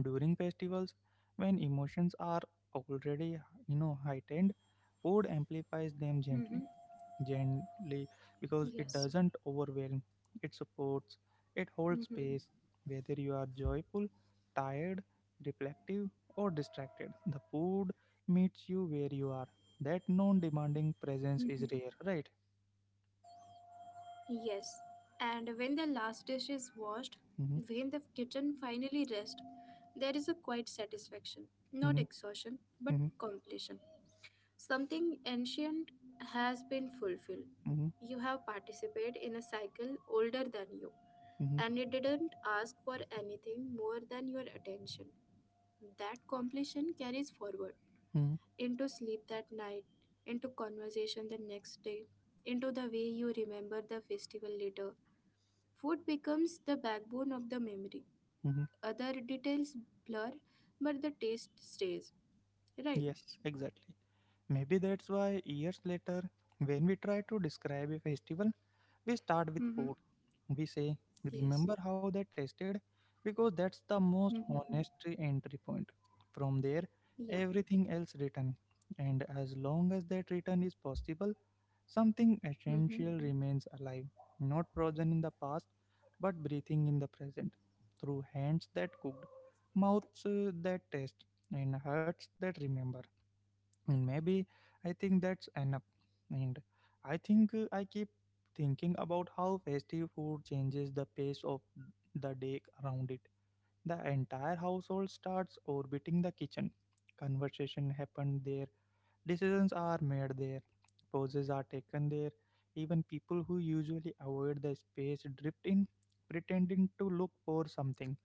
Speaker 1: During festivals, when emotions are already, you know, heightened, food amplifies them
Speaker 2: Mm-hmm.
Speaker 1: gently. gently because it
Speaker 2: Yes.
Speaker 1: doesn't overwhelm, it supports, it holds
Speaker 2: Mm-hmm.
Speaker 1: space, whether you are joyful, tired, reflective, or distracted. The food meets you where you are. That non demanding presence
Speaker 2: Mm-hmm.
Speaker 1: is rare, right?
Speaker 2: Yes, and when the last dish is washed,
Speaker 1: hmm
Speaker 2: when the kitchen finally rests, there is a quiet satisfaction, not
Speaker 1: hmm
Speaker 2: exhaustion, but
Speaker 1: hmm
Speaker 2: completion. Something ancient has been fulfilled.
Speaker 1: hmm
Speaker 2: You have participated in a cycle older than you,
Speaker 1: hmm
Speaker 2: and it didn't ask for anything more than your attention. That completion carries forward
Speaker 1: hmm
Speaker 2: into sleep that night, into conversation the next day, into the way you remember the festival later. Food becomes the backbone of the memory.
Speaker 1: hmm
Speaker 2: Other details blur, but the taste stays. Right?
Speaker 1: Yes, exactly. Maybe that's why years later, when we try to describe a festival, we start with food.
Speaker 2: Mm-hmm.
Speaker 1: We say, "Remember how
Speaker 2: Yes.
Speaker 1: they tasted?" Because that's the most
Speaker 2: Mm-hmm.
Speaker 1: honest entry point. From there,
Speaker 2: Yeah.
Speaker 1: everything else written. And as long as that return is possible, something essential
Speaker 2: Mm-hmm.
Speaker 1: remains alive, not frozen in the past, but breathing in the present, through hands that cooked, mouths uh, that taste, and hearts that remember and maybe I think that's enough. And I think uh, I keep thinking about how festive food changes the pace of the day around it. The entire household starts orbiting the kitchen. Conversation happen there, decisions are made there, pauses are taken there. Even people who usually avoid the space drift in, pretending to look for something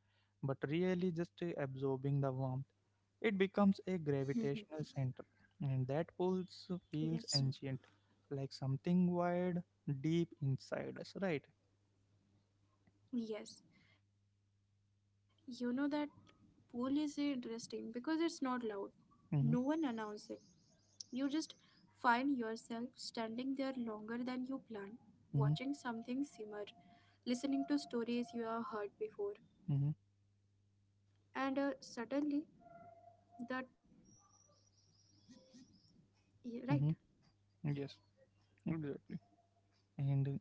Speaker 1: but really just uh, absorbing the warmth. It becomes a gravitational center,
Speaker 2: Mm-hmm.
Speaker 1: and that pulse feels ancient,
Speaker 2: Yes.
Speaker 1: like something wired deep inside us, right?
Speaker 2: Yes. You know that pool is interesting because it's not loud.
Speaker 1: Mm-hmm,
Speaker 2: No one announces it. You just find yourself standing there longer than you planned, watching
Speaker 1: mm-hmm,
Speaker 2: something simmer, listening to stories you have heard before,
Speaker 1: mm-hmm,
Speaker 2: and uh, suddenly that y- right.
Speaker 1: mm-hmm. Yes, exactly. And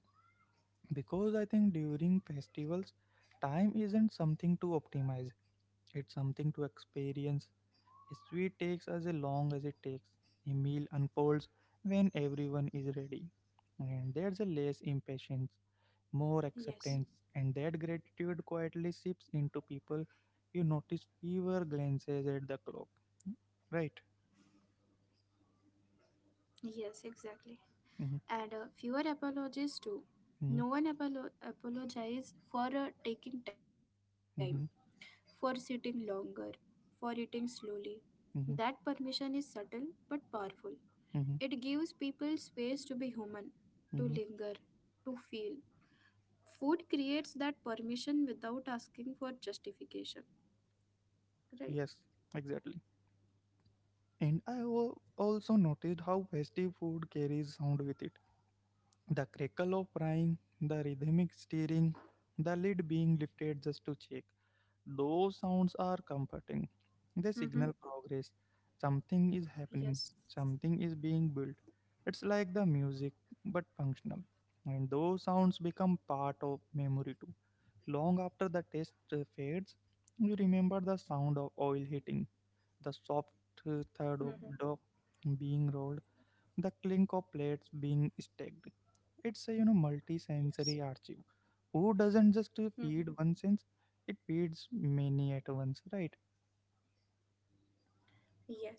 Speaker 1: because I think during festivals, time isn't something to optimize, it's something to experience. A sweet takes as long as it takes. A meal unfolds when everyone is ready and there's a less impatience, more acceptance,
Speaker 2: Yes,
Speaker 1: and that gratitude quietly seeps into people. You notice fewer glances at the clock. Right.
Speaker 2: yes, exactly,
Speaker 1: Hmm.
Speaker 2: and uh, fewer apologies too.
Speaker 1: Hmm.
Speaker 2: No one apolo- apologizes for uh, taking time,
Speaker 1: Hmm.
Speaker 2: for sitting longer, for eating slowly. That permission
Speaker 1: Hmm.
Speaker 2: is subtle but powerful. It gives
Speaker 1: Hmm.
Speaker 2: people space to be human, to linger,
Speaker 1: Hmm.
Speaker 2: to feel. Food creates that permission without asking for justification, right?
Speaker 1: Yes, exactly. And I wo- also noticed how festive food carries sound with it. The crackle of frying, the rhythmic stirring, the lid being lifted just to check. Those sounds are
Speaker 2: Mm-hmm.
Speaker 1: comforting. They signal progress.
Speaker 2: Yes.
Speaker 1: Something is happening, something is being built. It's like the music, but functional. And those sounds become part of memory too. Long after the taste uh, fades, we remember the sound of oil hitting, the soft uh,
Speaker 2: Mm-hmm.
Speaker 1: thud of dough being rolled, the clink of plates being stacked. It's a you know multi-sensory
Speaker 2: Yes.
Speaker 1: archive. Food doesn't just uh, feed
Speaker 2: Hmm.
Speaker 1: one sense; it feeds many at once, right?
Speaker 2: Yes.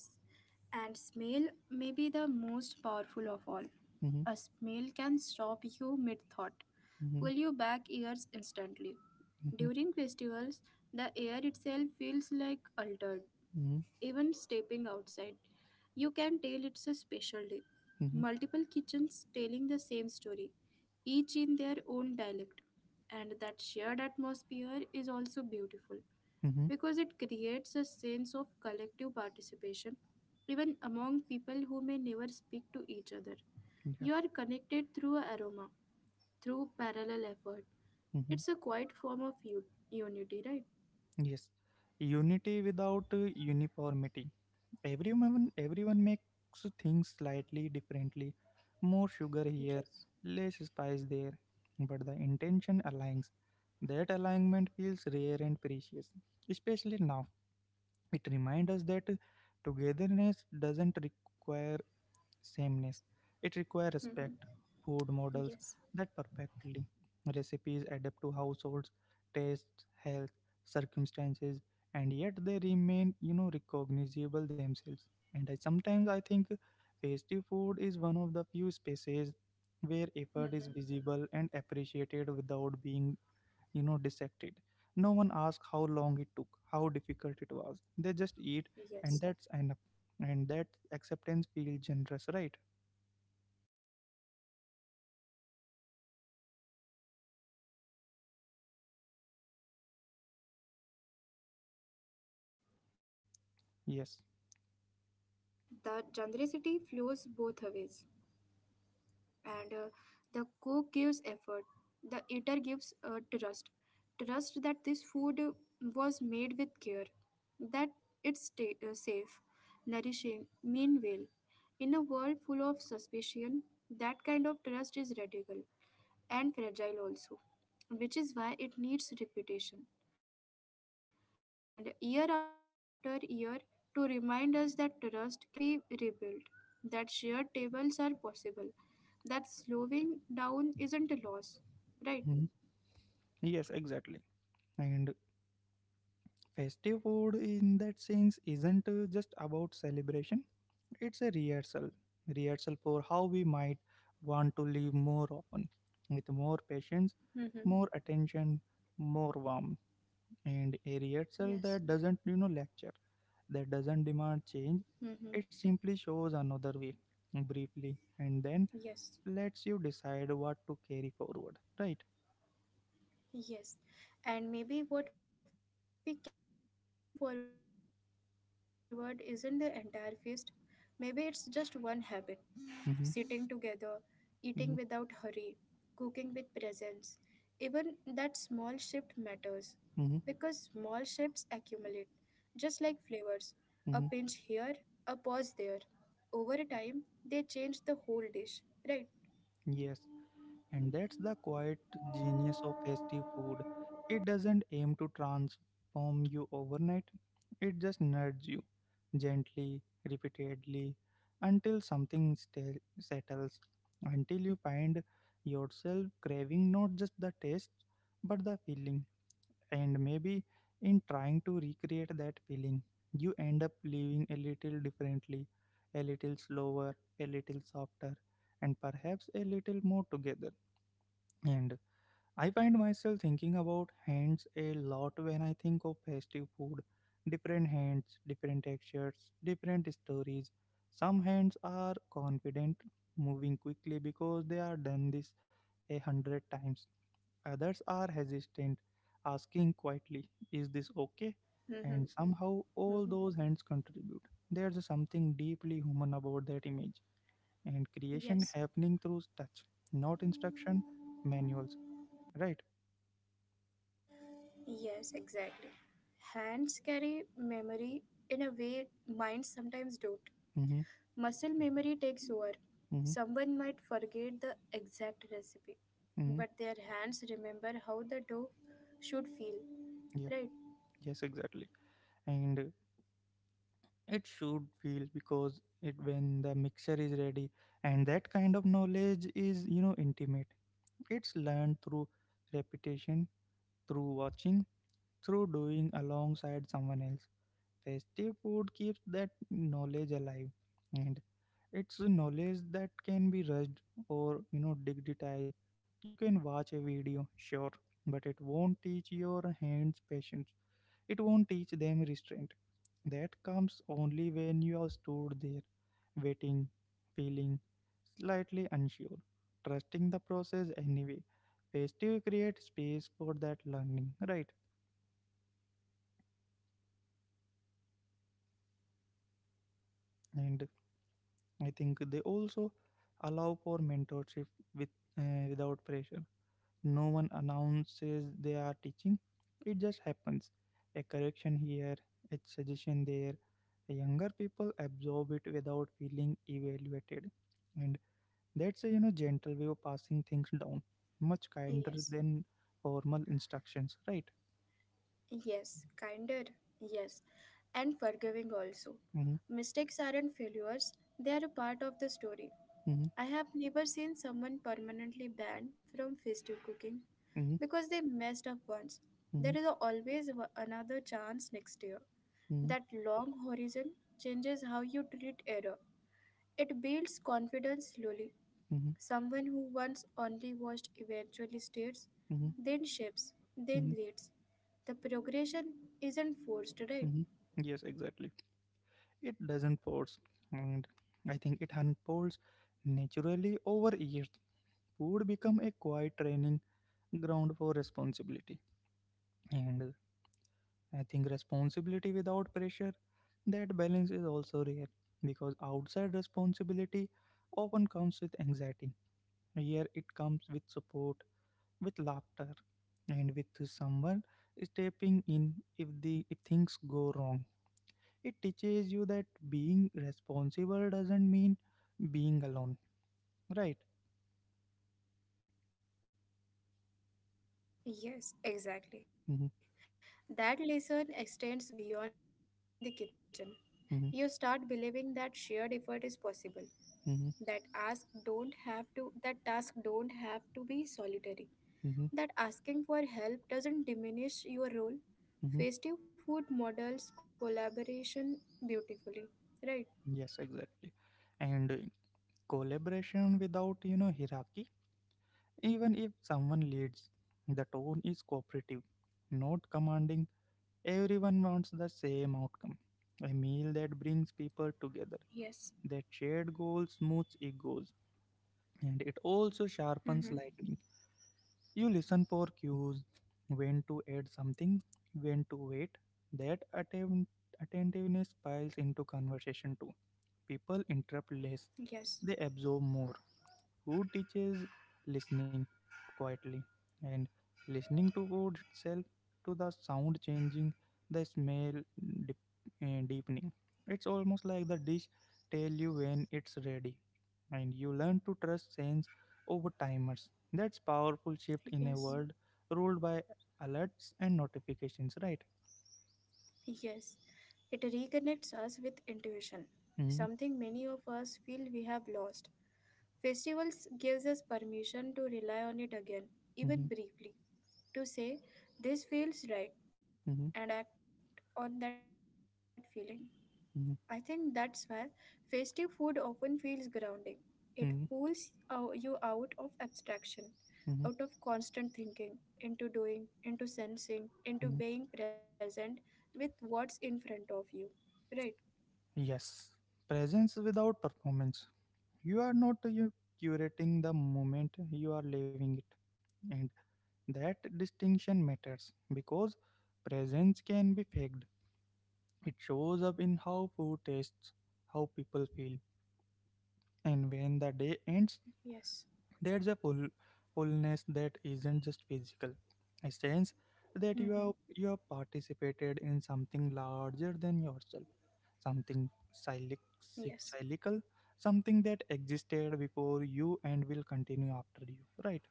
Speaker 2: And smell may be the most powerful of all.
Speaker 1: Mm-hmm,
Speaker 2: A smell can stop you mid thought,
Speaker 1: mm-hmm,
Speaker 2: pull you back ears instantly.
Speaker 1: mm-hmm,
Speaker 2: During festivals, the air itself feels like altered.
Speaker 1: mm-hmm,
Speaker 2: Even stepping outside, you can tell it's a special day.
Speaker 1: mm-hmm,
Speaker 2: Multiple kitchens telling the same story, each in their own dialect. And that shared atmosphere is also beautiful
Speaker 1: mm-hmm,
Speaker 2: because it creates a sense of collective participation even among people who may never speak to each other.
Speaker 1: yeah.
Speaker 2: You are connected through aroma, through parallel effort.
Speaker 1: Mm-hmm.
Speaker 2: It's a quiet form of u- unity, right?
Speaker 1: Yes, unity without uh, uniformity. Everyone, everyone makes things slightly differently. More sugar here, less
Speaker 2: Yes.
Speaker 1: spice there, but the intention aligns. That alignment feels rare and precious, especially now. It reminds us that togetherness doesn't require sameness, it requires respect. Food models
Speaker 2: Mm-hmm.
Speaker 1: that perfectly.
Speaker 2: Yes.
Speaker 1: Recipes adapt to households, tastes, health, circumstances, and yet they remain, you know, recognizable themselves. And I sometimes I think festive food is one of the few spaces where effort is visible and appreciated
Speaker 2: Mm-hmm.
Speaker 1: without being you know dissected. No one asks how long it took, how difficult it
Speaker 2: Yes.
Speaker 1: was, they just eat and that's enough. And that acceptance feels generous, right?
Speaker 2: Yes,
Speaker 1: Yes.
Speaker 2: exactly. The generosity flows both ways, and uh, the cook gives effort, the eater gives uh, trust. Trust that this food uh, was made with care, that it's ta- uh, safe, nourishing. Meanwhile, in a world full of suspicion, that kind of trust is radical and fragile also, which is why it needs reputation, and year after year to remind us that trust can be rebuilt, that shared tables are possible, that slowing down isn't a loss, right?
Speaker 1: Mhm. Yes, exactly. And festive food in that sense isn't uh, just about celebration, it's a rehearsal, rehearsal for how we might want to live more often, with more patience, more
Speaker 2: Mm-hmm.
Speaker 1: attention, more warmth. And a rehearsal that doesn't
Speaker 2: Yes.
Speaker 1: you know lecture, that doesn't demand change,
Speaker 2: Mm-hmm.
Speaker 1: it simply shows another way briefly and then
Speaker 2: Yes,
Speaker 1: lets you decide what to carry forward, right?
Speaker 2: yes. And maybe what we carry forward isn't the entire feast. Maybe it's just one habit. Sitting together, eating without hurry,
Speaker 1: Hmm.
Speaker 2: cooking with presence.
Speaker 1: Hmm.
Speaker 2: Even that small shift matters because small shifts accumulate,
Speaker 1: Hmm.
Speaker 2: just like flavors. A pinch here, a pause there.
Speaker 1: Hmm.
Speaker 2: Over a time, they change the whole dish, right?
Speaker 1: Yes, and that's the quiet genius of festive food. It doesn't aim to transform you overnight, it just nudges you gently, repeatedly, until something sta- settles, until you find yourself craving not just the taste but the feeling. And maybe in trying to recreate that feeling, you end up living a little differently, a little slower, a little softer, and perhaps a little more together. And I find myself thinking about hands a lot when I think of festive food. Different hands, different textures, different stories. Some hands are confident, moving quickly because they are done this a hundred times. Others are hesitant, asking quietly, Is this okay?
Speaker 2: Mm-hmm.
Speaker 1: And somehow
Speaker 2: Mm-hmm.
Speaker 1: all those hands contribute. There's something deeply human about that image and creation
Speaker 2: Yes,
Speaker 1: happening through touch, not instruction manuals. Right?
Speaker 2: yes, exactly. Hands carry memory in a way minds sometimes don't.
Speaker 1: Mm-hmm.
Speaker 2: Muscle memory takes over.
Speaker 1: Mm-hmm.
Speaker 2: Someone might forget the exact recipe,
Speaker 1: Mm-hmm.
Speaker 2: but their hands remember how the dough should feel.
Speaker 1: Yeah.
Speaker 2: Right?
Speaker 1: Yes, exactly. And uh, it should feel because it when the mixture is ready and that kind of knowledge is you know intimate, it's learned through repetition, through watching, through doing alongside someone else. Festive food keeps that knowledge alive, and it's a knowledge that can be rushed or you know digitized. You can watch a video, sure, but it won't teach your hands patience. It won't teach them restraint. That comes only when you are stood there, waiting, feeling slightly unsure, trusting the process anyway. Festive create space for that learning, right? And I think they also allow for mentorship with uh, without pressure. No one announces they are teaching; it just happens. A correction here, a suggestion there. Younger people absorb it without feeling evaluated, and that's a you know gentle way of passing things down, much kinder
Speaker 2: Yes.
Speaker 1: than formal instructions, right?
Speaker 2: Yes. Kinder. Yes. And forgiving also.
Speaker 1: Mm-hmm,
Speaker 2: Mistakes aren't failures, they are a part of the story. I have never seen someone permanently banned from festive cooking
Speaker 1: mm-hmm,
Speaker 2: because they messed up once.
Speaker 1: mm-hmm,
Speaker 2: There is always wa- another chance next year.
Speaker 1: mm-hmm,
Speaker 2: That long horizon changes how you treat error. It builds confidence slowly.
Speaker 1: mm-hmm,
Speaker 2: Someone who once only watched eventually states,
Speaker 1: mm-hmm,
Speaker 2: then shapes, then
Speaker 1: mm-hmm.
Speaker 2: leads. The progression isn't forced, right?
Speaker 1: Mm-hmm. Yes, exactly. It doesn't force, and I think it unfolds naturally over years. Food become a quiet training ground for responsibility, and I think responsibility without pressure. That balance is also rare because outside responsibility often comes with anxiety. Here it comes with support, with laughter, and with someone stepping in if the if things go wrong. It teaches you that being responsible doesn't mean being alone, right?
Speaker 2: Yes,
Speaker 1: Mm-hmm,
Speaker 2: exactly. That lesson extends beyond the kitchen. You start
Speaker 1: mm-hmm,
Speaker 2: believing that shared effort is possible. That ask
Speaker 1: mm-hmm,
Speaker 2: don't have to that task don't have to be solitary, that asking for
Speaker 1: mm-hmm,
Speaker 2: help doesn't diminish your role. Festive food
Speaker 1: mm-hmm.
Speaker 2: models collaboration beautifully, right?
Speaker 1: Yes, exactly. And uh, collaboration without you know hierarchy, even if someone leads the tone is cooperative, not commanding. Everyone wants the same outcome, a meal that
Speaker 2: Yes.
Speaker 1: brings people together. That shared goal smooths egos and it
Speaker 2: Mm-hmm.
Speaker 1: also sharpens lightning. You listen for cues, when to add something, when to wait. That atten- attentiveness piles into conversation too. People interrupt
Speaker 2: Yes.
Speaker 1: less, they absorb more who teaches listening quietly and listening to wood itself, to the sound changing, the smell dip, eh, deepening. It's almost like the dish tell you when it's ready and you learn to trust sense over timers, that's powerful shift
Speaker 2: Yes.
Speaker 1: in a world ruled by alerts and notifications, right?
Speaker 2: Yes. It reconnects us with intuition,
Speaker 1: Mm-hmm,
Speaker 2: something many of us feel we have lost. Festivals gives us permission to rely on it again, even briefly, to say this feels right
Speaker 1: mm-hmm.
Speaker 2: and act on that feeling. I think that's
Speaker 1: Hmm.
Speaker 2: where festive food often feels grounding. It pulls
Speaker 1: Hmm.
Speaker 2: uh, you out of abstraction, out
Speaker 1: Hmm.
Speaker 2: of constant thinking, into doing, into sensing, into being present with what's in front of you. Right?
Speaker 1: Yes, presence without performance. You are not uh, you curating the moment, you are living it. And that distinction matters because presence can be faked, it shows up in how food tastes, how people feel, and when the day ends
Speaker 2: Yes.
Speaker 1: there's a full fullness that isn't just physical, a sense that you have
Speaker 2: Mm-hmm.
Speaker 1: you have participated in something larger than yourself, something cyclic,
Speaker 2: Yes.
Speaker 1: cyclical, something that existed before you and will continue after you, right?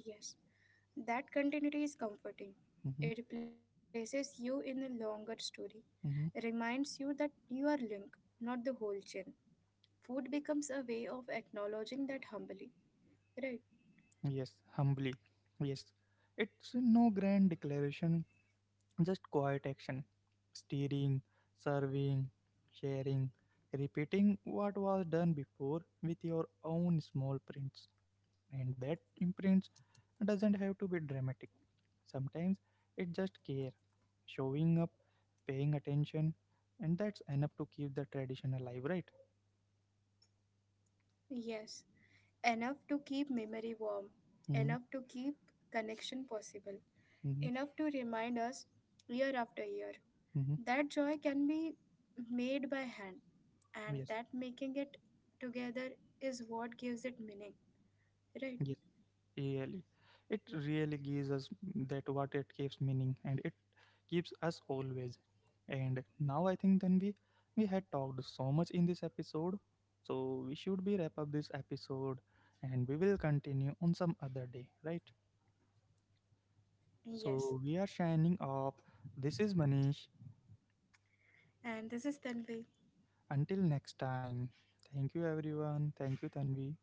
Speaker 2: Yes. That continuity is comforting.
Speaker 1: Mm-hmm,
Speaker 2: It places you in a longer story,
Speaker 1: mm-hmm.
Speaker 2: reminds you that you are link, not the whole chain. Food becomes a way of acknowledging that humbly, right?
Speaker 1: Yes, humbly. Yes. It's no grand declaration, just quiet action. Steering, serving, sharing, repeating what was done before with your own small prints. And that imprint doesn't have to be dramatic. Sometimes it's just care, showing up, paying attention, and that's enough to keep the tradition alive, right?
Speaker 2: Yes, enough to keep memory warm,
Speaker 1: Mm-hmm,
Speaker 2: enough to keep connection possible,
Speaker 1: mm-hmm,
Speaker 2: enough to remind us year after year
Speaker 1: mm-hmm.
Speaker 2: that joy can be made by hand and
Speaker 1: Yes.
Speaker 2: that making it together is what gives it meaning, right?
Speaker 1: Yes, really. It really gives us that what it gives meaning and it keeps us always. And now I think then we we had talked so much in this episode. So we should be wrap up this episode and we will continue on some other day, right? So
Speaker 2: Yes,
Speaker 1: we are shining off. This is Manish.
Speaker 2: and this is Tanvi.
Speaker 1: Until next time. Thank you everyone. Thank you Tanvi.